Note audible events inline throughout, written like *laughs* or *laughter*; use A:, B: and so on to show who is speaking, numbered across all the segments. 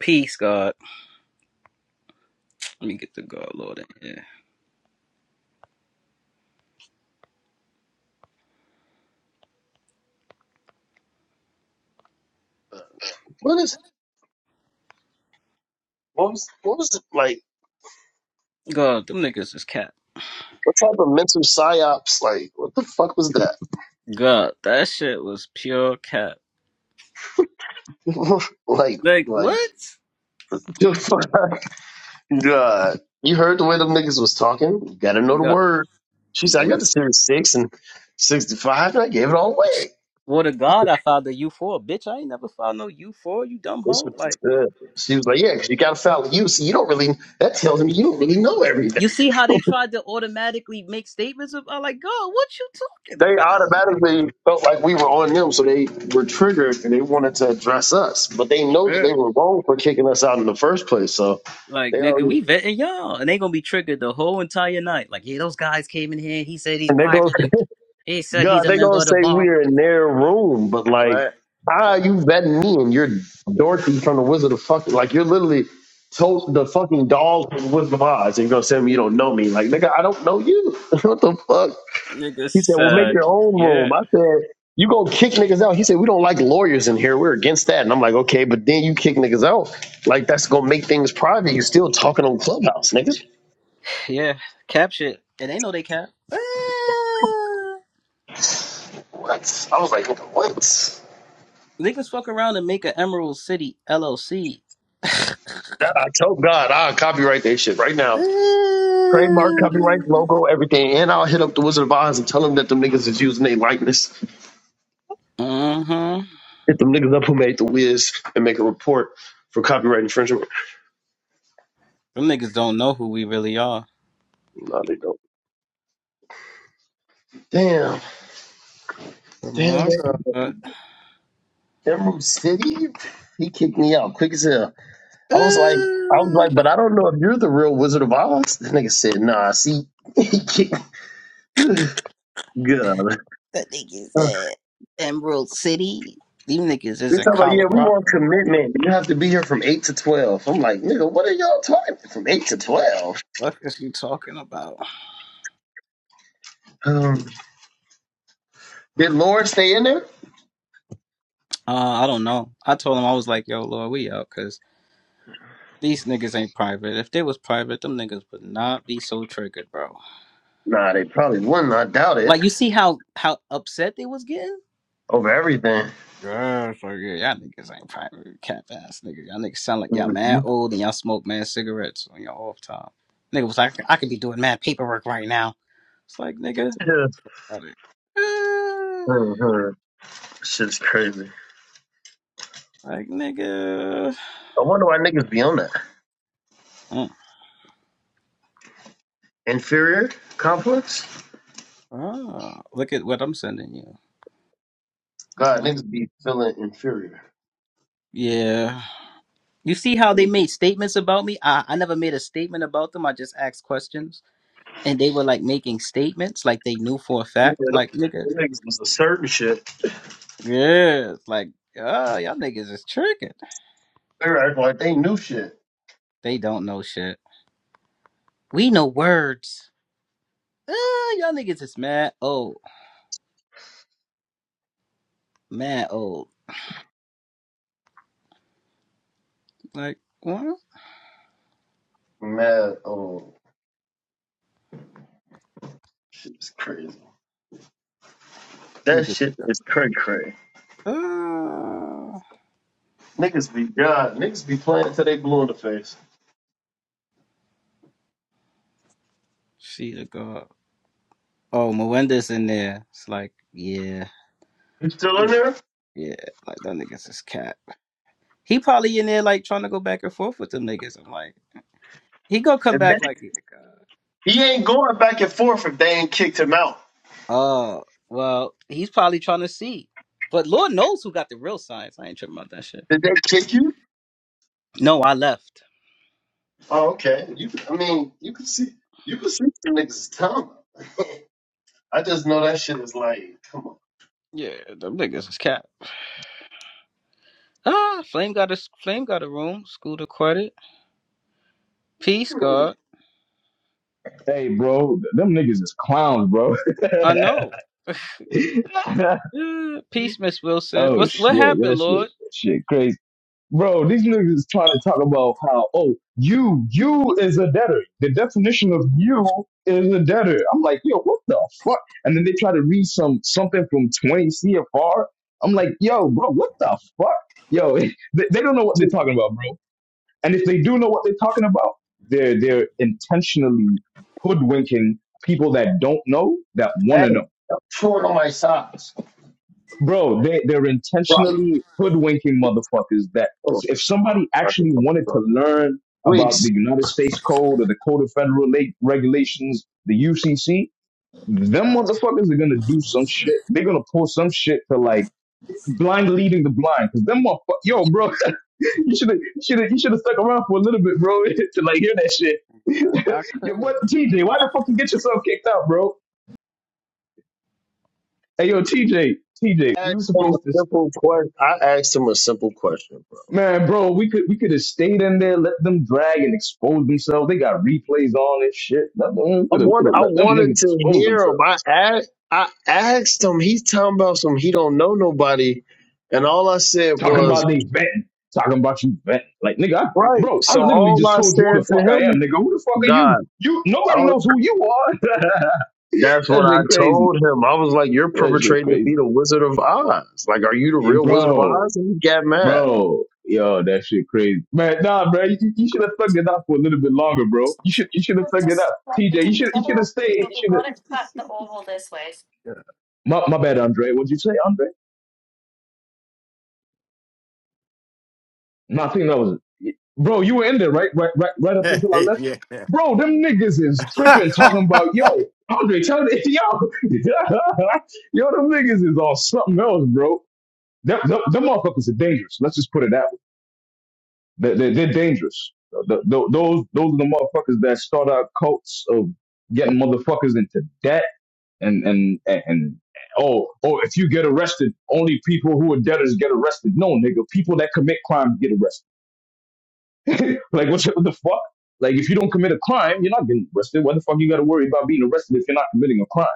A: Peace, God. Let me get the God, Lord, in here.
B: What is what was what was it like?
A: God, them niggas is cap.
B: What type of mental psyops? Like what the fuck was that?
A: God, that shit was pure cap.
B: *laughs* like
A: Like,
B: like
A: what?
B: *laughs* the fuck? God, you heard the way them niggas was talking. You gotta know the
A: God,
B: word. She said, "I got
A: them
B: the series six and sixty five, and I gave it all
A: niggas.
B: away."
A: Well, the God I found the U four, bitch. I ain't never found no U four. You dumb
B: That's
A: hoe.
B: what she
A: Like
B: said. She was like, "Yeah, because you got a foul. you, see, you don't really. That tells me you don't really know everything."
A: you see how they tried to automatically make statements of I'm like God. What you talking
B: they
A: about? Like,
B: automatically felt like we were on them, so they were triggered and they wanted to address us. But they know that
A: yeah.
B: they were wrong for kicking us out in the first place. So
A: like
B: they
A: nigga,
B: already
A: we vetting y'all, and they gonna be triggered the whole entire night. Like yeah, those guys came in here. He said he's
B: and they go,
A: private, and he
B: *laughs*
A: said
B: God,
A: he's a
B: they
A: member
B: gonna
A: of the
B: say
A: bar.
B: we're in their room, but like,
A: Right.
B: ah, you vetting me and you're Dorothy from the Wizard of Fucking like you're literally told the fucking doll from Wizard of Oz and you're gonna say to me you don't know me. Like, nigga, I don't know you. *laughs* what the fuck? He said,
A: Niggas,
B: "Well, make
A: uh,
B: your own
A: yeah,
B: room." I said, "You gonna kick niggas out?" He said, "We don't like lawyers in here. We're against that." And I'm like, "Okay, but then you kick niggas out. Like that's gonna make things private. you still talking on Clubhouse, nigga."
A: yeah, cap shit. And they know they cap. Ah.
B: What? I was like, "Nigga, "What?"
A: Niggas fuck around and make an Emerald City LLC.
B: I I told God, I'll copyright that shit right now. Trademark, copyright, logo, everything, and I'll hit up the Wizard of Oz and tell them that them niggas is using their likeness.
A: Mm-hmm.
B: Hit them niggas up who made the Wiz and make a report for copyright infringement.
A: Them niggas don't know who we really are.
B: No, they don't. Damn,
A: Come
B: damn.
A: on,
B: damn.
A: God.
B: Emerald City? He kicked me out quick as hell. I was like, I was
A: Ooh,
B: like, but I don't know if you're the real Wizard of Oz. This nigga said, Nah, see, *laughs* he kicked. God,
A: that niggas at Emerald City. These niggas is
B: we
A: in
B: talking about yeah, we want
A: Colorado.
B: commitment. You have to be here from eight to twelve. I'm like, nigga, what are y'all talking from eight to
A: What
B: twelve?
A: what is you talking about?
B: Um, did Lord stay in there?
A: Uh, I don't know. I told him I was like, "Yo, Lord, we out," These niggas ain't private. If they was private, them niggas would not be so triggered, bro.
B: Nah, they probably wouldn't. I doubt it.
A: Like you see how how upset they was getting?
B: Over everything.
A: Yes, like yeah, y'all niggas ain't private, cap ass niggas. Y'all niggas sound like y'all
B: Mm-hmm.
A: mad
B: *laughs*
A: old and y'all smoke mad cigarettes on your off time. Nigga was like, I could be doing mad paperwork right now. It's like nigga,
B: Yeah.
A: got it. *sighs*
B: hmm Shit's crazy.
A: Uh, like nigga.
B: I wonder why niggas be on that
A: Mm.
B: inferior complex.
A: Oh, look at what I'm sending you. Oh,
B: God,
A: wow.
B: niggas be feeling inferior.
A: Yeah. You see how they made statements about me? I, I never made a statement about them. I just asked questions. And they were like making statements like they knew for a
B: Yeah,
A: fact.
B: them
A: Like, nigga.
B: them niggas was a certain shit.
A: Yeah. it's Like, ah, y'all niggas is tricking.
B: They were acting like they knew shit.
A: They don't know shit. We know words. Uh, y'all niggas is mad old. Mad old. Like, what?
B: Mad, oh, shit is crazy. That
A: Niggas.
B: shit is cray cray.
A: Uh,
B: Niggas be God. Niggas be playing till they blue in the face.
A: she the god. Oh, Melinda's in there. It's like, yeah.
B: You still in there?
A: Yeah. Like, that niggas is cat. He probably in there like trying to go back and forth with them niggas. I'm like, he gonna come
B: And that,
A: back like,
B: he ain't going back and forth if they ain't kicked him out.
A: oh, well, he's probably trying to see. But Lord knows who got the real science. I ain't tripping about that shit.
B: Did they kick you?
A: No, I left.
B: Oh, okay. You, I mean, you can see, you can see some niggas tongue. I just know that shit is like, come
A: Yeah, them niggas is cat. Ah, Flame got a Flame got a room. School to credit. Peace,
B: on,
A: God.
C: Hey, bro, them niggas is clowns, bro. *laughs*
A: I know. Yeah, Peace, Miss Wilson.
C: oh
A: What's what
C: shit,
A: happened,
C: that shit, that
A: Lord?
C: shit crazy, bro. These niggas is trying to talk about how oh you you is a debtor. The definition of you is a debtor. I'm like yo, what the fuck? And then they try to read some something from 20 CFR. I'm like yo, bro, what the fuck? Yo, *laughs* they, they don't know what they're
B: just,
C: talking about, bro. And if they do know what they're talking about, they're they're intentionally hoodwinking people that don't know that
B: hey,
C: want to know.
B: I'm chewing on my socks.
C: Bro, they they're intentionally hoodwinking motherfuckers that
B: Hold
C: if somebody
B: on, I can
C: actually
B: fuck
C: wanted
B: this
C: to
B: up.
C: learn about
B: Weeks.
C: the United States Code or the Code of Federal Reg- Regulations, the UCC, them motherfuckers are gonna do some shit. They're gonna pull some shit to like blind leading the blind. Cause them motherfuckers, yo, bro, *laughs* you should have, should have, you should have stuck around for a little bit, bro, *laughs* to like hear that shit.
A: Nah,
C: *laughs*
A: I
C: yo,
A: couldn't.
C: what, TJ? Why the fuck you get yourself kicked out, bro? Hey, yo, TJ, TJ,
B: I asked
C: we were
B: him a
C: supposed to,
B: simple question. I asked him a simple question, bro.
C: man, bro, we could, we could have stayed in there, let them drag and expose themselves. They got replays on and shit. Let them- We
B: I
C: could have, we could
B: wanted,
C: have
B: I
C: let them
B: wanted
C: niggas
B: to
C: expose
B: hear
C: themselves.
B: him. I asked, I asked him. He's talking about some. He don't know nobody, and all I said
C: Talking
B: was
C: about they vetting. Talking about you vetting. Like, nigga, I,
B: right.
C: bro, I
B: So
C: literally
B: all
C: just
B: I
C: told you who
B: said
C: the
B: to
C: fuck I am,
B: him,
C: nigga. Who the fuck are
B: God,
C: you? You
B: I
C: nobody
B: was,
C: knows who you are. *laughs*
B: that's what
C: that
B: I
C: shit crazy.
B: told him. I was like, you're
C: That shit
B: perpetrating to
C: crazy.
B: be the Wizard of Oz. Like, are you the
C: Yeah,
B: real Wizard of
C: bro,
B: Oz? And he got mad.
C: bro. Yo, that shit crazy. Man, nah, bro. You, you should have thugged it out for a little bit longer, bro. You should you should have thugged it out. TJ, you should you should have stayed. You should have
A: *laughs*
C: my, my bad, Andre. What'd you say, Andre? No, I think that was bro. You were in there, right? Right, right, right
D: *laughs*
C: up
D: yeah.
C: until I left.
D: yeah,
C: Bro, them niggas is tripping, talking about yo, Andre, tell the *laughs* yo, *laughs* yo, them niggas is on something else, bro. Them, them, them motherfuckers are dangerous. Let's just put it that way. They, they, they're dangerous. Th- th- those, those are the motherfuckers that start out cults of getting motherfuckers into debt and and and. and Oh, oh! If you get arrested, only people who are debtors get arrested. No, nigga, people that commit crimes get arrested. Like, what, what the fuck? Like, if you don't commit a crime, you're not getting arrested. What the fuck you got to worry about being arrested if you're not committing a crime?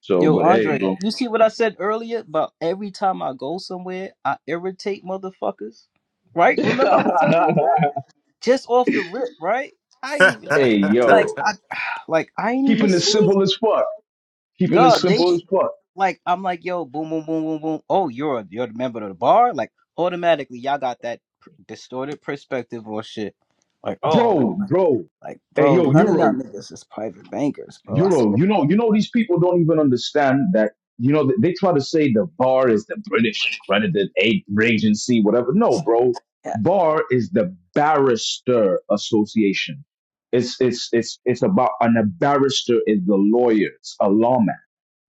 C: So,
A: Yo,
C: but hey,
A: Andre,
C: bro.
A: you see what I said earlier about every time I go somewhere, I irritate motherfuckers? Right? Remember I was telling you that? Just off the rip, right? I ain't even
C: *laughs* hey,
A: like
C: yo.
A: I *sighs* like I ain't even
C: Keeping it
A: seen
C: simple as fuck. Keeping it
A: God. They
C: simple as fuck.
A: like I'm like, yo, boom, boom, boom, boom, boom. Oh, you're a, you're the member of the bar? Like automatically y'all got that pr- distorted perspective or shit. Like, oh th-
C: Bro,
A: like
C: bro.
A: like,
C: Hey,
A: bro,
C: yo,
A: none of y'all
C: Euro.
A: niggas is private bankers, bro. I
C: Euro,
A: swear
C: you know, you know, these people don't even understand that. You know, they try to say the bar is the British accredited aid agency, whatever. No, bro,
A: to God.
C: bar is the barrister association. It's it's it's it's about and a barrister is the lawyer, it's a lawman.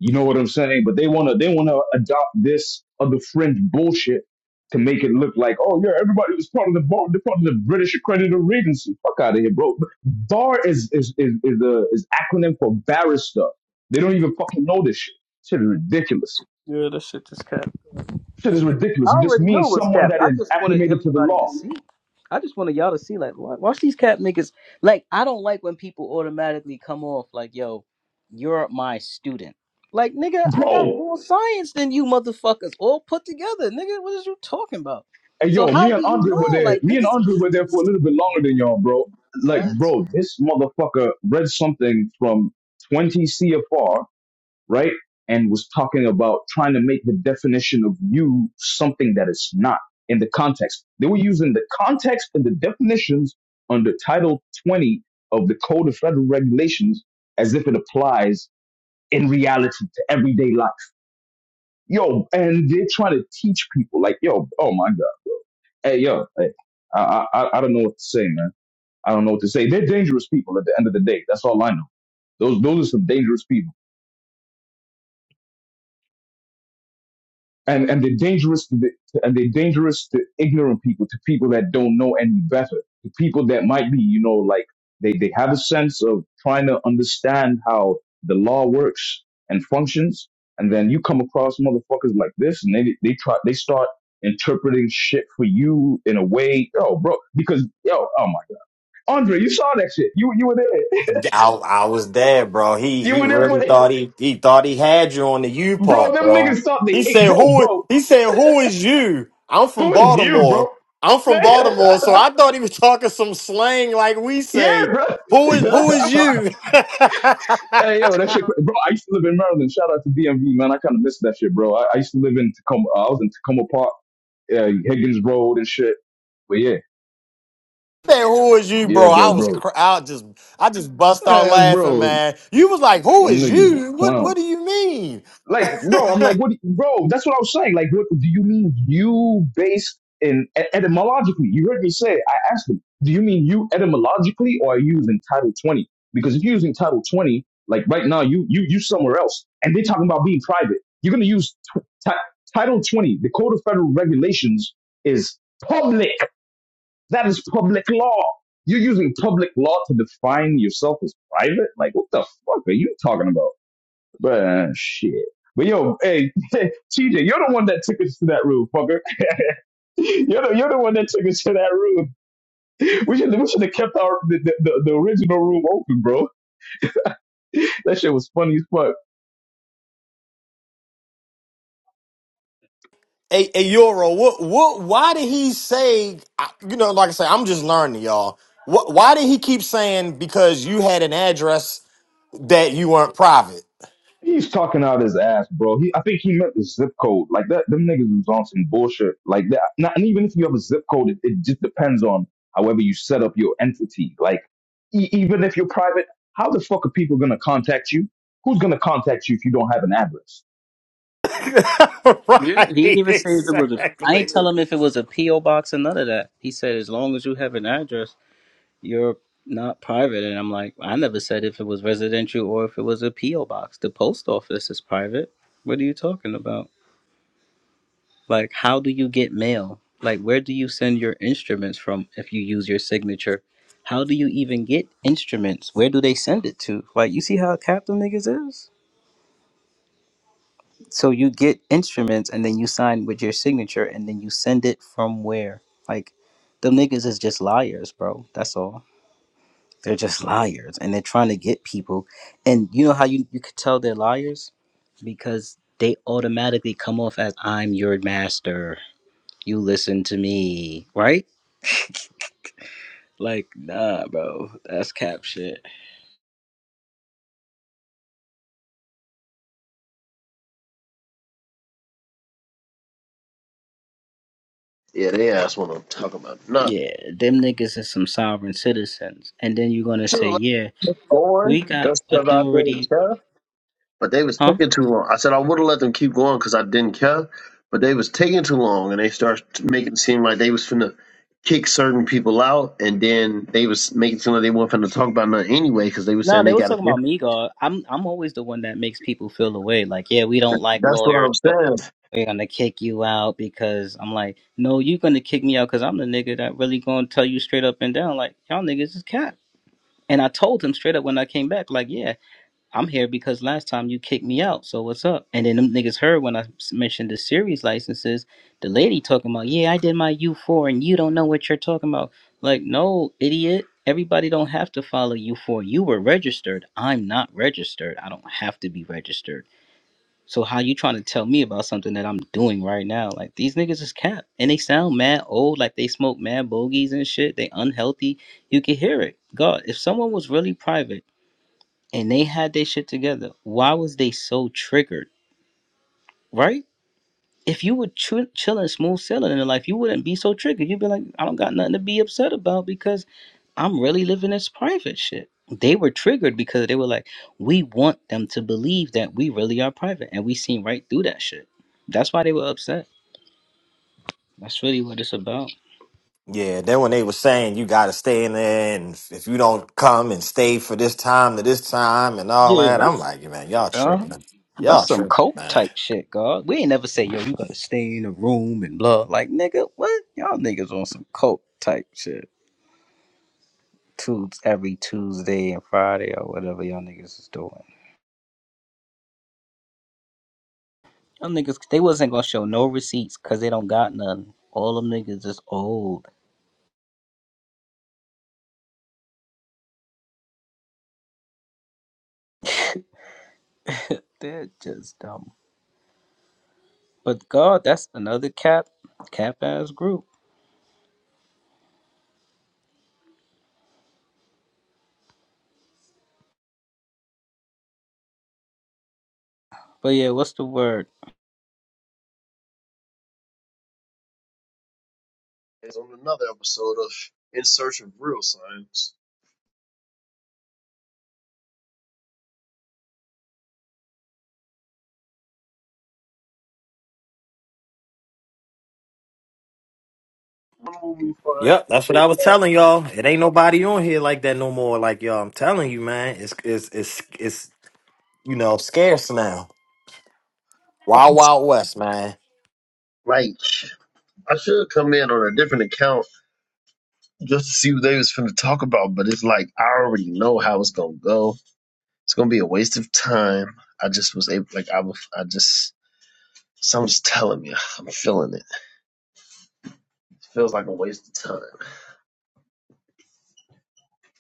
C: You know what I'm saying? But they wanna they wanna adopt this other fringe bullshit to make it look like oh yeah, everybody was part of the bar, they're part of the British accredited agency. Fuck out of here, bro. Bar is is is is, the is acronym for barrister. They don't even fucking know this shit. Shit is ridiculous.
A: Yeah, that shit just cat.
C: Shit is
A: I
C: ridiculous. It just
A: already knew it
C: means
A: was
C: someone
A: cap.
C: that
A: I
C: is
A: just wanted
C: acclimated to the
A: everybody
C: law,
A: to see. I just wanted y'all to see, like, wa- watch these cap niggas. Like, I don't like when people automatically come off like, yo, you're my student. Like, nigga, I got
C: bro.
A: more science than you motherfuckers all put together. Nigga, what is you talking about?
C: Hey
A: So
C: yo, me
A: how do
C: and
A: you
C: Andre were
A: know?
C: there.
A: Like,
C: Me and
A: niggas,
C: Andre were there for a little bit longer than y'all, bro. Like,
A: what?
C: bro, this motherfucker read something from 20 CFR right? And was talking about trying to make the definition of you something that it's not in the context. They were using the context and the definitions under Title 20 of the Code of Federal Regulations as if it applies in reality to everyday life. Yo, and they're trying to teach people like, yo, oh my God. Hey, yo, hey, I, I, I I don't know what to say, man. I don't know what to say. They're dangerous people at the end of the day. That's all I know. Those, those are some dangerous people. and and they're dangerous to the, and they're dangerous to ignorant people to people that don't know any better to people that might be you know like they they have a sense of trying to understand how the law works and functions and then you come across motherfuckers like this and they they try they start interpreting shit for you in a way oh bro because yo oh my god andre you saw that shit you you were there
D: I, I was there, bro.
C: *laughs*
D: He
C: you
D: he
C: were there for
D: really
C: it,
D: thought he he thought he had you on the U
C: bro
D: part,
C: them
D: bro.
C: niggas thought they
D: He
C: ate
D: said
C: bro
D: who
C: bro
D: he said who is you? I'm from
C: who is you bro
D: Baltimore. I'm from Baltimore,
C: *laughs*
D: so I thought he was talking some slang like we
C: Yeah,
D: say.
C: bro.
D: Who is
C: *laughs*
D: who is you? *laughs*
C: hey, yo, that shit, cra- bro. I used to live in Maryland. Shout out to DMV, man. I kind of miss that shit, bro. I, I used to live in Tacoma. uh, I was in Tacoma Park, uh, Higgins Road and shit. But yeah,
D: Man, who is you,
C: yeah,
D: bro? I
C: bro,
D: was
C: bro.
D: cr- I just I just bust out
C: Man,
D: laughing,
C: bro,
D: man. You was like, who
C: them
D: is
C: niggas is
D: you? What what do
C: clowns.
D: you mean?
C: like bro i'm like what do- you- bro that's what i was saying like what do you mean you based in e- etymologically you heard me say i asked him do you mean you etymologically or are you using title 20 because if you're using title 20 like right now you you you somewhere else and they're talking about being private you're going to use tw ti- title 20 the code of federal regulations is public that is public law you're using public law to define yourself as private like what the fuck are you talking about but uh, shit. But yo, hey, *laughs* TJ, you're the one that took us to that room, fucker. *laughs* You're the, you're the one that took us to that room. *laughs* We should we should have kept our the, the, the the original room open, bro. *laughs* That shit was funny as fuck.
D: Hey, hey, Euro, what, what, why did he say, I- you know, like I say, I'm just learning, y'all. What, why did he keep saying because you had an address that you weren't private?
C: He's talking out his ass, bro. He I think he meant the zip code. Like that them niggas was on some bullshit. Like that not and even if you have a zip code, it, it just depends on however you set up your entity. Like e- even if you're private, how the fuck are people gonna contact you? Who's gonna contact you if you don't have an address?
A: Yeah.
D: *laughs*
A: He, I ain't
D: Right.
A: tell him if it was a P.O. box or none of that. He said, as long as you have an address. you're not private. And I'm like, I never said if it was residential or if it was a P.O. box. The post office is private. What are you talking about? Like, how do you get mail? Like, where do you send your instruments from if you use your signature? How do you even get instruments? Where do they send it to? Like, you see how capital niggas is? So you get instruments and then you sign with your signature and then you send it from where? Like, them niggas is just liars, bro. That's all. They're just liars and they're trying to get people. And you know how you, you could tell they're liars? Because they automatically come off as I'm your master. You listen to me, right? Like, nah, bro. That's cap shit.
B: Yeah, they asked what I'm talking about. Nah,
A: Yeah, them niggas is some sovereign citizens. And then you're gonna
B: too
A: say, Yeah,
B: boy.
A: we got
B: Just because I didn't
A: authority
B: care. but they was
A: Huh?
B: taking too long. I said I would have let them keep going because I didn't care, but they was taking too long, and they started making it seem like they was finna kick certain people out, and then they was making it seem like they weren't finna talk about nothing anyway because they was
A: No,
B: saying
A: they
B: they
A: was
B: got a
A: talking
B: different.
A: about me, God. I'm I'm always the one that makes people feel away. Like, yeah, we don't like
B: That's what
A: lawyers.
B: I'm
A: so
B: saying.
A: they're gonna kick you out because I'm like, no, you're gonna kick me out because I'm the nigga that really gonna tell you straight up and down, like, y'all niggas is cap. And I told him straight up when I came back, like, yeah, I'm here because last time you kicked me out, so what's up? And then them niggas heard when I s- mentioned the series licenses, the lady talking about, yeah, I did my U4 and you don't know what you're talking about. Like, no, idiot. Everybody don't have to follow U4. You were registered. I'm not registered. I don't have to be registered. So how you trying to tell me about something that I'm doing right now? Like these niggas is cap, and they sound mad old, like they smoke mad bogeys and shit. They unhealthy. You can hear it. God, if someone was really private and they had their shit together, why was they so triggered? Right? If you were ch- chilling, smooth sailing in your life, you wouldn't be so triggered. You'd be like, I don't got nothing to be upset about because. I'm really living this private shit. They were triggered because they were like, we want them to believe that we really are private, and we seen right through that shit. That's why they were upset. That's really what it's about.
D: Yeah, then when they were saying you got to stay in there and if if you don't come and stay for this time to this time and all
A: Yeah,
D: that, I'm like, man, y'all
A: uh,
D: tripping.
A: that's
D: Y'all
A: some
D: tripping,
A: cult
D: man.
A: type shit, God. We ain't never say, yo, you gotta stay in a room and blah. Like, nigga, what? Y'all niggas on some cult type shit. Tues every Tuesday and Friday or whatever y'all niggas is doing. Y'all niggas, they wasn't gonna show no receipts because they don't got none. All them niggas is old. They're just dumb. But God, that's another cap, cap ass group. But yeah, what's the word?
B: It's on another episode of In Search of Real Science. When will we find
D: Yep, that's what
B: real
D: I was telling y'all. It ain't nobody on here like that no more. Like y'all, I'm telling you, man, it's it's it's it's you know scarce now. Wild
B: science?
D: Wild West, man.
B: Like, I should come in on a different account just to see what they was finna talk about, but it's like I already know how it's gonna go It's gonna be a waste of time. I just was able, like, I was, I just, someone's telling me, I'm feeling it. It Feels like a waste of time.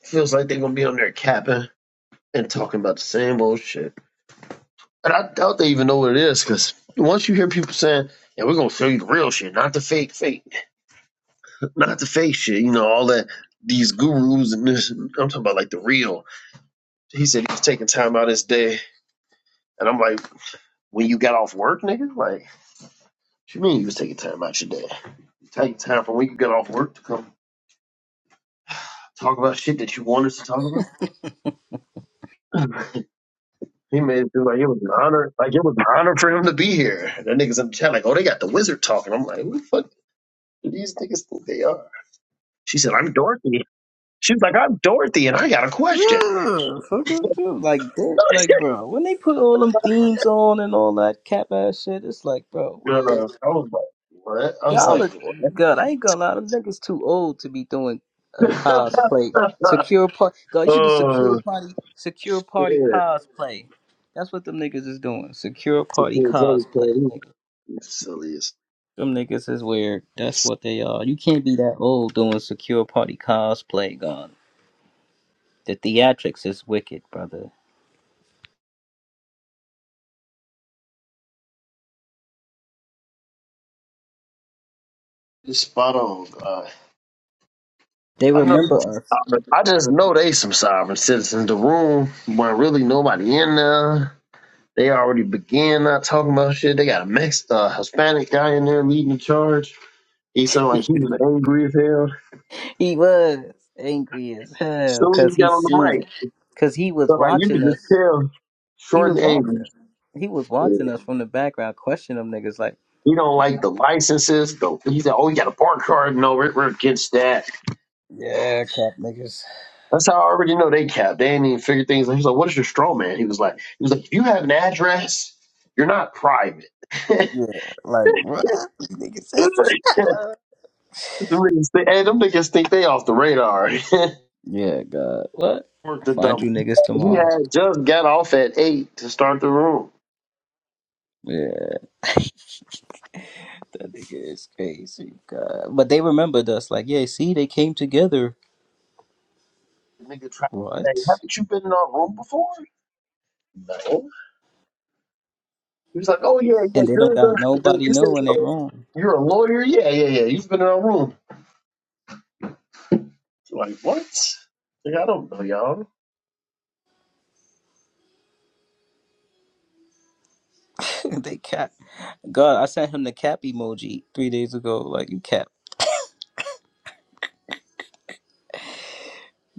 B: It Feels like they're gonna be on there capping and talking about the same old shit. And I doubt they even know what it is, because once you hear people saying, "Yeah, we're gonna show you the real shit, not the fake, fake, not the fake shit," you know, all that. These gurus and this, I'm talking about like the real. He said he was taking time out his day, and I'm like, when you got off work, nigga, like. What you mean you was taking time out your day? You taking time from when you got off work to come talk about shit that you wanted to talk about? *laughs* he made it feel like it was an honor, like it was an honor for him to be here. And the niggas in the chat like, oh, they got the wizard talking. I'm like, who the fuck do these niggas think they are? She said, I'm Dorothy. She's like, I'm Dorothy, and I got a question.
A: Yeah, fuck them too. Like, that, like,
B: *laughs*
A: bro, when they put all them themes on and all that cap ass shit, it's like, bro,
B: Uh,
A: what?
B: I was like, what? I was
A: Y'all
B: like,
A: are, God, I ain't gonna lie, them niggas too old to be doing
B: what?
A: uh, cosplay.
B: *laughs*
A: Secure party, God, you should do secure
B: oh
A: party, secure
B: shit!
A: party cosplay. That's what them niggas is doing. Secure
B: It's a
A: party
B: cool brother,
A: cosplay,
B: Cody.
A: nigga.
B: Silly as
A: Them niggas is weird. That's
B: it's,
A: what they are. You can't be that old doing secure party cosplay, God. The theatrics is wicked, brother.
B: it's spot on. Uh,
A: They
B: I know.
A: remember us.
B: I just know they some sovereign citizens. The room where really nobody in there. They already began not talking about shit. They got a mixed uh, Hispanic guy in there leading the charge. He sounded like he was angry as hell.
A: He was angry as hell
B: Soon as
A: because
B: he got
A: he
B: on the
A: seen
B: mic,
A: it. Because he was
B: so like you
A: watching
B: could just
A: us.
B: tell,
A: He
B: short
A: was
B: and
A: watching.
B: angry.
A: us. He was watching
B: He
A: us from the background, questioning them niggas like,
B: don't like the licenses. Though he said, "Oh, you got a bar card? No, we're, we're against that."
A: yeah, cap niggas.
B: That's how I already know they cap. They ain't even figure things. out. He's like, "What is your straw man?" He was like, "He was like, if you have an address, you're not private." *laughs*
A: Yeah, like, what? You niggas is?
B: The niggas think- hey, them niggas think they off the radar.
A: Yeah, God. What?
B: *laughs* Worked the
A: Find
B: double.
A: you niggas
B: He
A: tomorrow.
B: had just got off at eight to start the room.
A: Yeah. That nigga is crazy, God. But they remembered us, like, yeah, see, they came together.
B: The nigga tried to say,
A: What?
B: "Haven't you been in our room before?" No. He was like, "Oh yeah, yeah,
A: And they don't
B: you're
A: got
B: the, the
A: nobody
B: you said
A: knowing they wrong.
B: you're, you're a lawyer. Yeah, yeah, yeah. You've been in our room." like what? Like, I don't know y'all.
A: *laughs* they cap. God, I sent him the cap emoji three days ago. Like, you cap.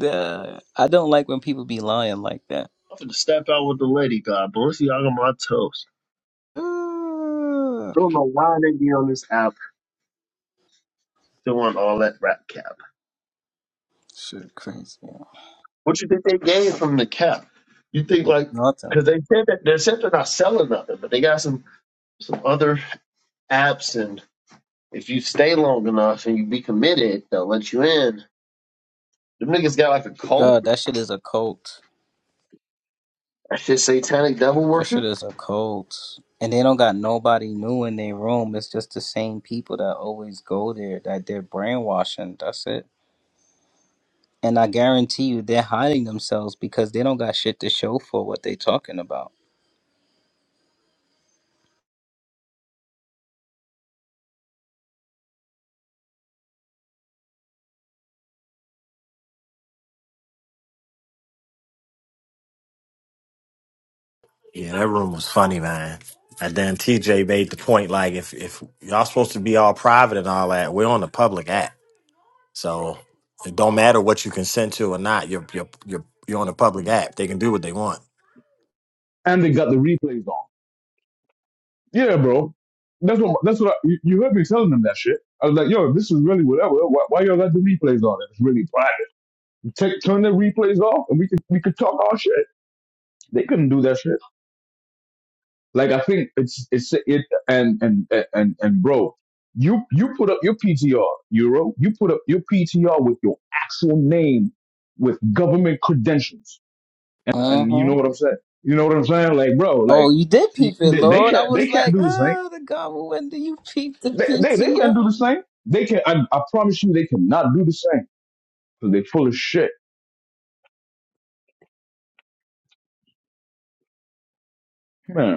A: Uh, I don't like when people be lying like that.
B: I'm finna step out with the lady, God bless y'all on my toes.
A: *sighs* Uh,
B: Don't know why they be on this app doing all that rap cap.
A: shit, crazy.
B: What you think they gained from the cap? You think like
A: Nothing.
B: because they said that they said they're not selling nothing, but they got some some other apps, and if you stay long enough and you be committed, they'll let you in. Them niggas got like a cult.
A: God, that shit is a cult.
B: That shit satanic devil
A: That shit
B: worship.
A: is a cult. And they don't got nobody new in their room. It's just the same people that always go there that they're brainwashing. That's it. And I guarantee you they're hiding themselves because they don't got shit to show for what they talking about.
D: Yeah, that room was funny, man. And then TJ made the point like if if y'all supposed to be all private and all that, we're on the public app. So it don't matter what you consent to or not, you're you're you're you're on the public app. They can do what they want.
C: and they got the replays on. Yeah, bro. That's what that's what I, you you heard me telling them that shit. I was like, yo, this is really whatever. Why, why y'all got the replays on? It's really private. Take, turn the replays off, and we could we could talk our shit. They couldn't do that shit. Like I think it's it's it and and and and bro, you you put up your PTR Euro. You put up your PTR with your actual name, with government credentials, and and you
A: Uh-huh.
C: know what I'm saying. You know what I'm saying? Like, bro,
A: Oh,
C: like
A: you did
C: they,
A: peep it,
C: they
A: Lord. I
C: can't they
A: was
C: can't
A: like,
C: do this thing
A: ah, the goblin, do you peep the
C: They, they, they can't
A: PTR?
C: do the same. They can. I, I promise you, they cannot do the same because they full of shit.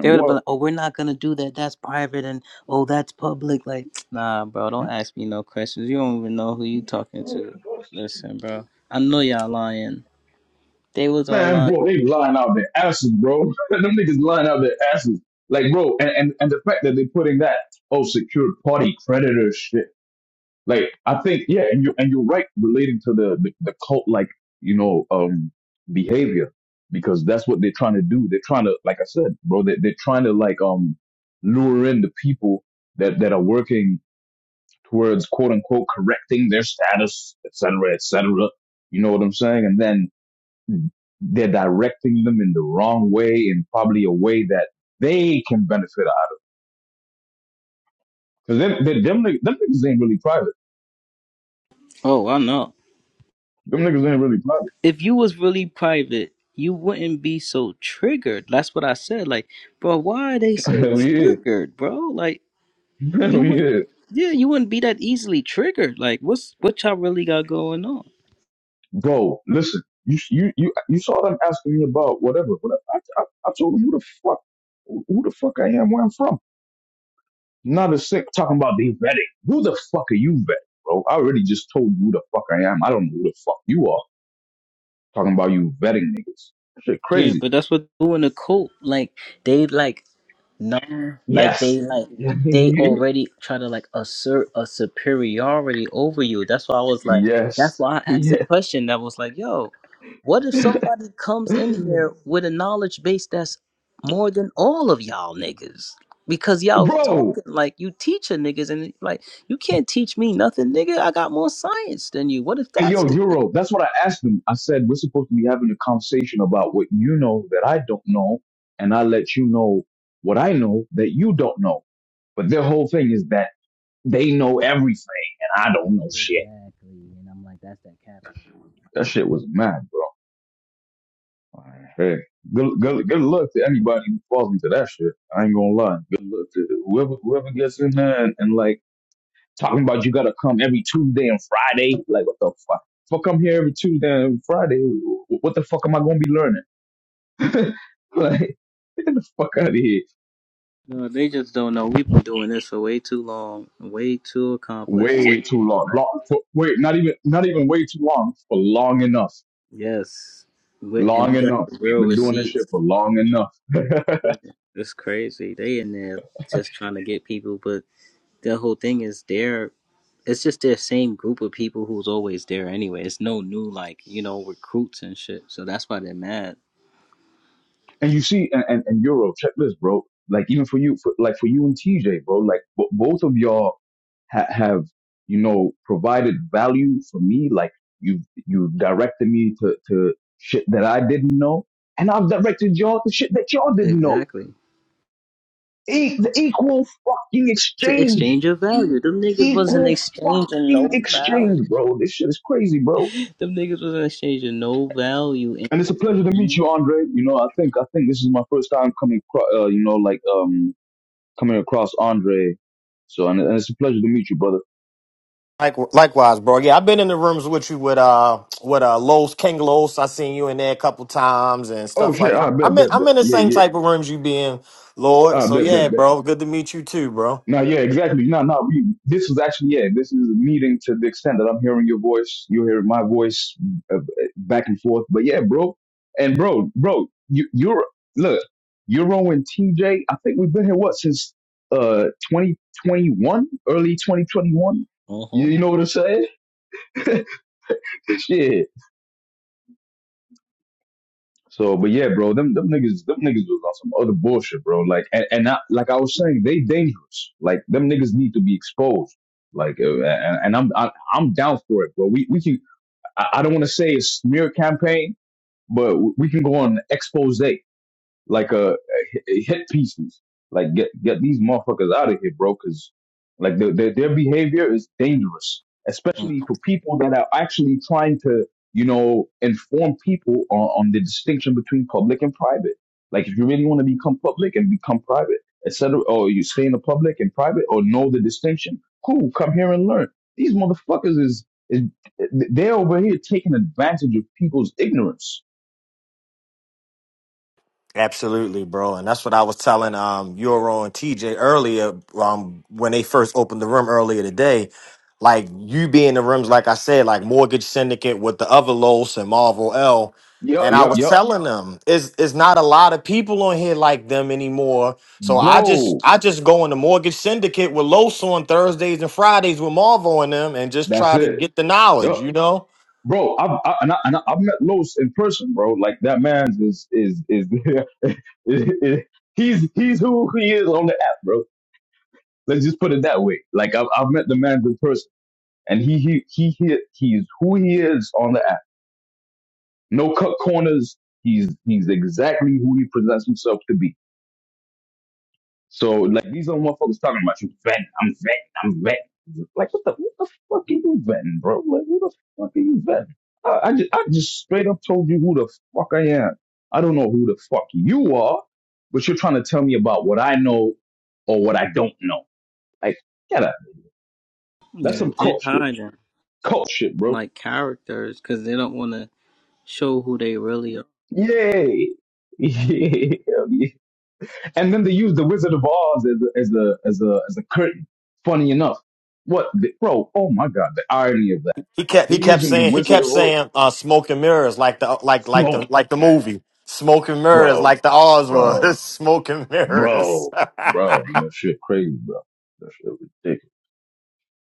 A: They would have been
C: what?
A: like, oh, we're not gonna do that. That's private, and oh, that's public. Like, nah, bro, don't ask me no questions. You don't even know who you talking to. Listen, bro, I know y'all lying. They was all
C: Man,
A: lying.
C: bro, they lying out their asses, bro. *laughs* Them niggas lying out their asses. Like, bro, and, and, and the fact that they are putting that, oh, secured party creditor shit. Like I think, yeah, and you and you're right relating to the the, the cult like you know um behavior because that's what they're trying to do. They're trying to, like I said, bro, they they're trying to like um lure in the people that that are working towards quote unquote correcting their status, et cetera, et cetera. You know what I'm saying? And then they're directing them in the wrong way and probably a way that they can benefit out. Cause them, them, them, nigg- them niggas ain't really private.
A: Oh, I know.
C: Them niggas ain't really private.
A: If you was really private, you wouldn't be so triggered. That's what I said. Like, bro, why are they
C: *laughs*
A: so
C: Hell yeah.
A: triggered, bro? Like,
C: *laughs*
A: you
C: No,
A: wouldn't.
C: yeah.
A: Yeah, you wouldn't be that easily triggered. Like, what's what y'all really got going on?
C: Bro, listen. You you you you saw them asking me about whatever. whatever. I, I, I told them who the fuck who who the fuck I am, where I'm from. Not a sick talking about they vetting. Who the fuck are you vetting, bro? I already just told you who the fuck I am. I don't know who the fuck you are. Talking about you vetting niggas. Shit
A: Yeah,
C: crazy.
A: but that's what doing a cult. Like, they like No, like
C: Yes.
A: they like
C: *laughs*
A: they
C: yes.
A: already try to like assert a superiority over you. That's why I was like, that's
C: Yes,
A: why I asked the question. That was like, yo, what if somebody comes
C: *laughs*
A: in here with a knowledge base that's more than all of y'all niggas? Because y'all
C: Bro,
A: talking like you teacher niggas, and like you can't teach me nothing, nigga. I got more science than you. What if
C: Hey,
A: that's
C: yo,
A: the
C: Euro, that's what I asked him. I said, we're supposed to be having a conversation about what you know that I don't know, and I let you know what I know that you don't know. But their whole thing is that they know everything, and I don't know shit.
A: exactly? And I'm like, that's that cap.
C: That shit was mad, bro. Hey, good, good, good luck to anybody who falls into that shit. I ain't gonna lie. Good luck to whoever, whoever gets in there and, and like talking about you gotta come every Tuesday and Friday. Like, what the fuck? Fuck, I am here every Tuesday and Friday, what the fuck am I gonna be learning? *laughs* like, get the fuck out of here.
A: No, they just don't know. We've been doing this for way too long, way too accomplished.
C: Way too long. long for, wait, not even not even way too long. For long enough.
A: Yes. We- And
C: Long
A: we got
C: enough.
A: the real
C: We've been doing this shit
A: receipts.
C: for long enough.
A: It's crazy. They in there just trying to get people, but the whole thing is they're it's just their same group of people who's always there anyway. It's no new like, you know, recruits and shit. So that's why they're mad.
C: *laughs* and you see, and, and, and Euro, check this, bro. Like even for you, for, like for you and TJ, bro. Like b- both of y'all ha- have you know provided value for me. Like you you directed me to to shit that I didn't know, and I've directed y'all to shit that y'all didn't know.
A: Exactly.
C: E- the equal fucking
A: It's an
C: exchange.
A: exchange of value. Them niggas wasn't
C: Equal
A: exchanging
C: fucking
A: no value.
C: exchange, bro. This shit is crazy, bro.
A: *laughs* Them niggas wasn't exchanging no value.
C: And it's a pleasure to meet
A: In-
C: you, Andre. You know, I think I think this is my first time coming, across, uh, you know, like um coming across Andre. So and, and it's a pleasure to meet you, brother.
D: Like, likewise, bro. Yeah, I've been in the rooms with you with uh with uh Los King Los. I seen you in there a couple times and
C: Oh
D: stuff
C: shit!
D: like I,
C: I bet,
D: I'm in
C: bet, bet.
D: I'm in the
C: Yeah,
D: same
C: yeah.
D: type of rooms you be in, Lord.
C: I
D: So
C: bet,
D: yeah,
C: bet, bet.
D: bro. Good to meet you too, bro.
C: No, yeah, exactly. No, no, we, this was actually, yeah, this is a meeting to the extent that I'm hearing your voice, you hear my voice uh, back and forth. But yeah, bro, and bro, bro, you, you're, look, Euro and TJ, I think we've been here, what, since uh 2021, early 2021?
A: uh
C: You, you
A: huh.
C: know what I'm saying? *laughs* Shit. So, but yeah, bro, them them niggas, them niggas was on some other bullshit, bro. Like, and, and I, like I was saying, they dangerous. Like, them niggas need to be exposed. Like, uh, and, and I'm I, I'm down for it, bro. We we can. I, I don't want to say a smear campaign, but we can go on expose like a, a hit pieces. Like get get these motherfuckers out of here, bro. Because like their, their their behavior is dangerous, especially for people that are actually trying to you know inform people on, on the distinction between public and private. Like if you really want to become public and become private, etc. Or you stay in the public and private, or know the distinction. Cool, come here and learn. These motherfuckers is is they're over here taking advantage of people's ignorance.
D: Absolutely, bro. And that's what I was telling um Euro and TJ earlier, um, when they first opened the room earlier today. Like you be in the rooms, like I said, like Mortgage Syndicate with the other Los and Marvel L.
C: Yup,
D: And I
C: yup,
D: was
C: yup,
D: telling them, it's it's not a lot of people on here like them anymore. So I just
C: bro.
D: I just go in the mortgage syndicate with Los on Thursdays and Fridays with Marvel and them and just
C: That's
D: try to
C: it.
D: get the
C: yep,
D: knowledge, you know?
C: Bro, I've I, and I, and I, I've met Los in person, bro. Like that man is is is, *laughs* is- is- he's he's who he is on the app, bro. Let's just put it that way. Like I've I've met the man in person, and he he he he he's who he is on the app. No cut corners. He's he's exactly who he presents himself to be. So like these are motherfuckers talking about you vetting. I'm vetting. I'm vetting. Like what the what the fuck are you vetting, bro? Like who the fuck are you vetting? I, I just I just straight up told you who the fuck I am. I don't know who the fuck you are, but you're trying to tell me about what I know or what I don't know. Like get out. That's
A: Yeah,
C: some
A: they're
C: cult shit.
A: hiding
C: Cult shit, bro.
A: like characters because they don't want to. show who they really are.
C: Yay. *laughs* Yeah. And then they use the Wizard of Oz as a, as a as a as a curtain. Funny enough what the, bro oh my god the irony of that
D: He kept
C: They're
D: he kept
C: using the
D: saying he
C: Wizard
D: kept
C: of Oz.
D: saying uh, smoke and mirrors like the like like the
C: Smoked,
D: like the
C: man.
D: movie smoke and mirrors
C: Bro,
D: like the Oz
C: bro,
D: was *laughs* smoke and mirrors.
C: bro, bro. That shit crazy, bro. That shit ridiculous.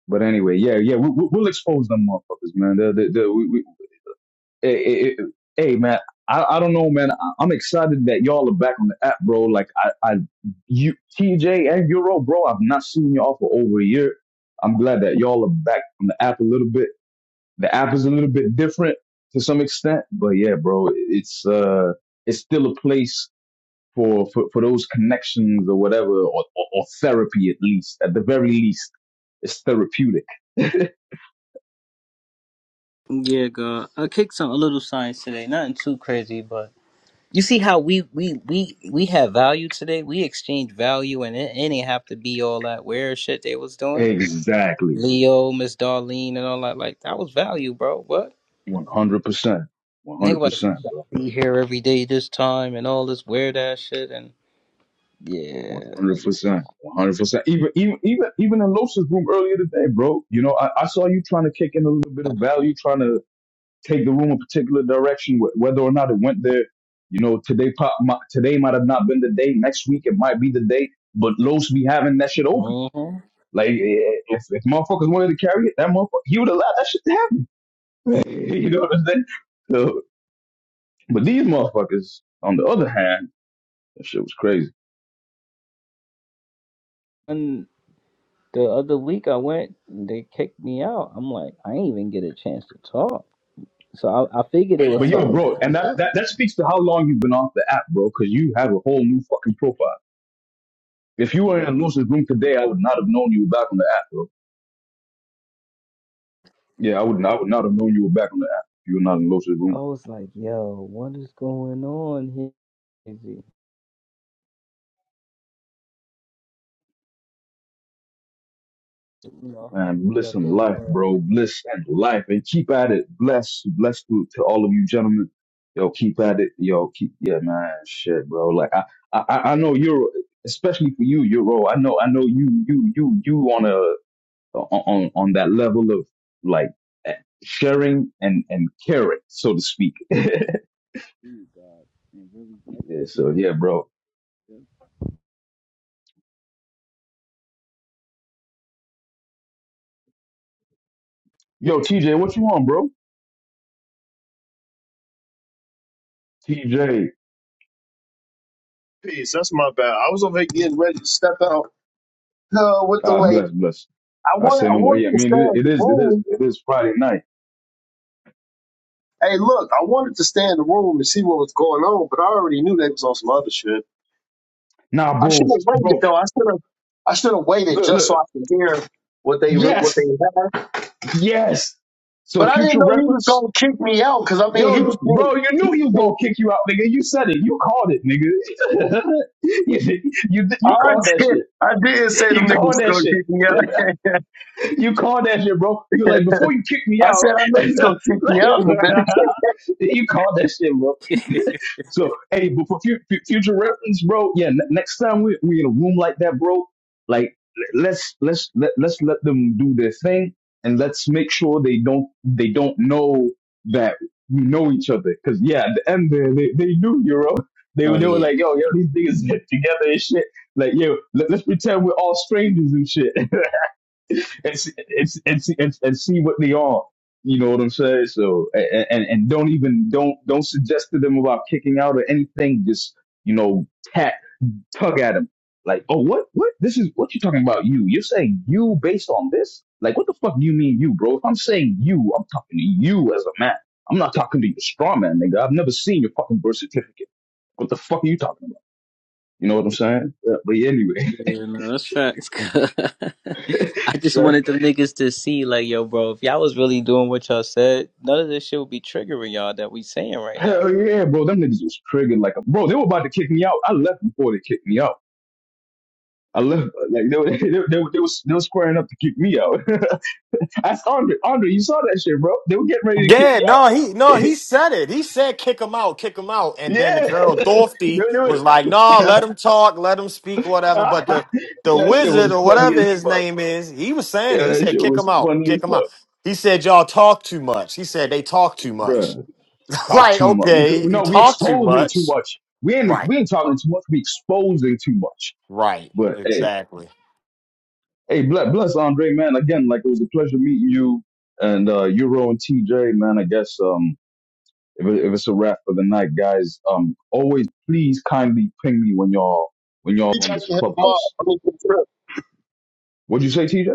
C: But anyway, yeah, yeah, we, we, we'll expose them motherfuckers, man. The, the, the, we, we, hey, hey, hey, hey, man, I, I don't know, man. I, I'm excited that y'all are back on the app, bro. Like, I, I, you, TJ and Euro, bro, I've not seen y'all for over a year. I'm glad that y'all are back on the app a little bit The app is a little bit different to some extent, but yeah, bro, it's uh, it's still a place for for, for those connections or whatever, or, or, or therapy at least. At the very least, it's therapeutic. *laughs*
A: Yeah, God, I kicked some a little science today. Nothing too crazy, but you see how we we we we have value today. We exchange value, and it, it ain't have to be all that weird shit they was doing.
C: exactly,
A: Leo, Miss Darlene, and all that. Like that was value, bro. What
C: one hundred percent, one
A: nigga
C: hundred
A: was
C: percent, bro.
A: be here every day this time and all this weird ass shit and
C: One
A: yeah,
C: hundred
A: like
C: percent, one hundred percent. Even even even even in Losa's room earlier today, bro. You know, I, I saw you trying to kick in a little bit of value, trying to take the room a particular direction, wh- whether or not it went there. You know, today pop mi- today might have not been the day. Next week it might be the day, but Los be having that shit open.
A: mhm.
C: Like eh, eh, if, if motherfuckers wanted to carry it, that motherfucker he would allow that shit to happen. *laughs* you know what I'm saying? So, but these motherfuckers, on the other hand, that shit was crazy.
A: and the other week I went, they kicked me out. I'm like, I ain't even get a chance to talk. So I, I figured they
C: But
A: was
C: yo,
A: talking about
C: bro,
A: some
C: and that,
A: stuff.
C: that that speaks to how long you've been off the app, bro, because you have a whole new fucking profile. If you were in Lewis's room today, I would not have known you were back on the app, bro. Yeah, I would I would not have known you were back on the app. if You were not in Los's
A: I
C: room.
A: was like, yo, what is going on here? Is it, you know,
C: Man,
A: yeah,
C: bliss and
A: the whole
C: life,
A: world.
C: bro. Bliss and life. And keep at it. Bless, bless to, to all of you gentlemen. Yo, keep at it. Yo, keep yeah, man. Shit, bro. Like I I, I I know you're especially for you, Euro. I know I know you you you you on a on on that level of like eh, sharing and and caring, so to speak. *laughs* yeah,
A: Ooh, God, and really
C: so
A: executing.
C: yeah, bro. Yo, TJ, what you on, bro? TJ,
B: Peace. That's my bad. I was over here getting ready to step out. No, with the
C: God
B: lake.
C: bless, bless.
B: I
C: I
B: wanted
C: say
B: I
C: no more.
B: wanted
C: Yeah, I
B: to stay
C: mean it,
B: in
C: it
B: the
C: is, it is,
B: room.
C: it is Friday night.
B: Hey, look, I wanted to stay in the room and see what was going on, but I already knew they was on some other shit.
C: Nah,
B: I should
C: bro,
B: have waited
C: bro.
B: though. I should have I should have waited
C: Look,
B: just so
C: look.
B: I could hear what they re- what they
C: Yes,
B: had.
C: yes.
B: But
C: So
B: I didn't
C: future
B: know he was
C: reference,
B: gonna kick me out because I mean he
C: yo,
B: was being.
C: bro. You
B: he was
C: knew he was gonna
B: being-
C: kick you out, nigga. You said it. You called it, nigga. *laughs* you, you you
B: I
C: called that
B: did.
C: shit.
B: I did say
C: You
B: them niggas
C: called
B: was
C: that
B: gonna
C: shit.
B: kick me
C: *laughs*
B: out.
C: you called that shit, bro. You were like before you kick me
B: *laughs* I
C: out.
B: said I know
C: *laughs*
B: you gonna kick me out in a minute. *laughs*
C: you called that shit, bro.
A: Yeah. *laughs*
C: So, hey, but for fu- fu- future reference, bro, yeah, n- next time we we in a room like that, bro, like l- let's let's let, let's let them do their thing, and let's make sure they don't they don't know that we know each other. Because yeah, at the end there, they they knew Euro. They
A: Oh
C: were they were
A: yeah,
C: like, yo, yo, these niggas *laughs* get together and shit. Like, yo, let, let's pretend we're all strangers and shit. *laughs* and see, and, see- and, and see what they are. You know what I'm saying? So and, and and don't even don't don't suggest to them about kicking out or anything. Just you know, tat tug at them like, oh what what this is what you talking about? You you're saying you based on this? Like what the fuck do you mean you, bro? If I'm saying you, I'm talking to you as a man. I'm not talking to your straw man, nigga. I've never seen your fucking birth certificate. What the fuck are you talking about? You know what I'm saying? Yeah, but yeah,
A: yeah, no, that's facts.
C: anyway,
A: *laughs* I just
C: *laughs*
A: wanted them niggas to see, like, yo, bro, if y'all was really doing what y'all said, none of this shit would be triggering y'all that we saying right now.
C: Hell yeah, bro. Them niggas was triggered like a bro. They were about to kick me out. I left before they kicked me out. I left like they were *laughs* they, they, they, were- they was they was squaring up to kick me out. *laughs* Ask Andre. Andre, you saw that shit, bro. They were getting ready
D: *laughs*
C: to kick
D: yeah,
C: me out.
D: no, he no he
C: *laughs*
D: said it. He said kick him out, kick him out, and then
C: yeah, *laughs*
D: Gerald
C: they,
D: Dorfty
C: they were,
D: was like, no,
C: *laughs*
D: let him talk, let him speak, whatever. But the the
C: that shit
D: wizard
C: was
D: or
C: funny
D: whatever
C: as
D: his
C: fuck.
D: name is, he was saying it.
C: Yeah,
D: He
C: that
D: said
C: shit
D: kick him
C: was
D: out,
C: funny as
D: kick him out.
C: fuck,
D: He said y'all talk too much. He said they talk too much.
C: bro.
D: *laughs*
C: Talk
D: like
C: too much. Because,
D: okay, you
C: no, we
D: talk too
C: exposing too
D: much,
C: much. We ain't
D: right?
C: we ain't talking too much. We exposing too much.
D: Right,
C: But hey.
D: exactly.
C: Hey, bless, bless Andre, man. Again, like it was a pleasure meeting you and uh, Euro and TJ, man. I guess um, if, it, if it's a wrap for the night, guys, um, always please kindly ping me when y'all when y'all
B: You
C: on
B: got
C: this
B: me here tomorrow.
C: clubhouse.
B: I'm gonna trip.
C: What'd you say, TJ?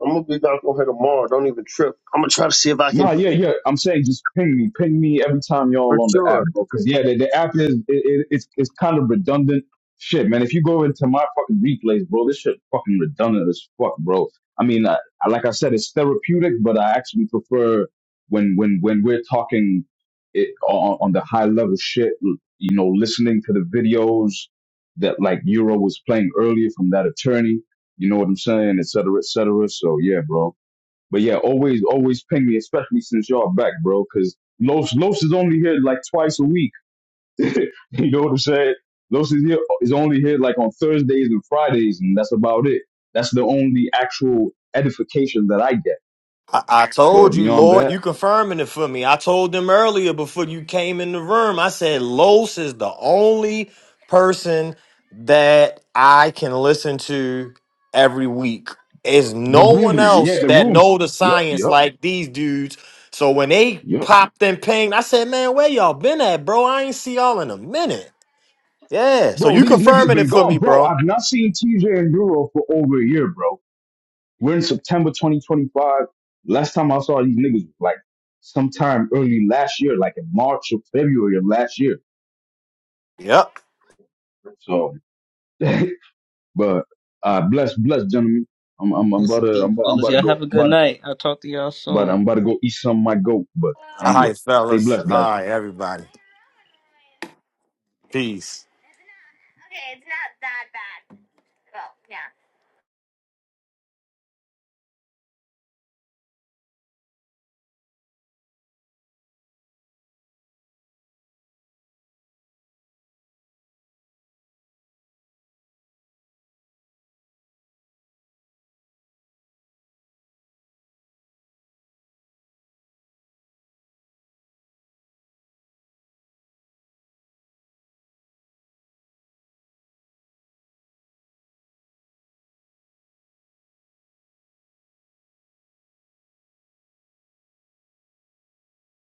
B: I'm gonna be back on here tomorrow. Don't even trip. I'm gonna try to see if I can
C: No, yeah, yeah. I'm saying just ping me, ping me every time
B: for
C: y'all on the app,
B: sure.
C: bro. Because yeah, the, the app is it, it, it's it's kind of redundant shit, man. If you go into my fucking replays, bro, this shit fucking redundant as fuck, bro. I mean, I, I, like I said, it's therapeutic, but I actually prefer when when when we're talking it on, on the high level shit. You know, listening to the videos that like Euro was playing earlier from that attorney. You know what I'm saying, et cetera, et cetera. So yeah, bro. But yeah, always, always ping me, especially since y'all back, bro. Because Los Los is only here like twice a week. *laughs* You know what I'm saying? Los is here is only here like on Thursdays and Fridays, and that's about it. That's the only actual edification that I get.
D: I, I
C: But
D: told you,
C: beyond
D: Lord,
C: that,
D: you confirming it for me. I told them earlier before you came in the room. I said Los is the only person that I can listen to every week. Is
C: the
D: no one
C: rooms, yeah,
D: else
C: the
D: that
C: rooms.
D: know the
C: Yep,
D: science
C: yep,
D: like these dudes. So when they
C: yep.
D: popped and pinged, I said, "Man, where y'all been at, bro? I ain't see y'all in a minute." Yeah. So
C: Bro,
D: you
C: these niggas
D: confirming it
C: been
D: for me,
C: gone, bro.
D: bro?
C: I've not seen TJ and Duro for over a year, bro. We're in September 2025. Last time I saw these niggas was like sometime early last year, like in March or February of last year.
D: Yep.
C: So, *laughs* but uh, bless, bless, gentlemen. I'm, I'm, I'm
A: Yes,
C: about to,
A: indeed,
C: I'm about, I'm
A: fellas.
C: about to
A: Y'all have
C: go,
A: a good
C: but,
A: night. I'll talk to y'all
C: but
A: soon.
C: I'm about to go eat some of my goat. But
D: All
C: anyway,
D: right,
C: stay
D: fellas.
C: blessed,
D: All
C: guys.
D: right, everybody. Peace.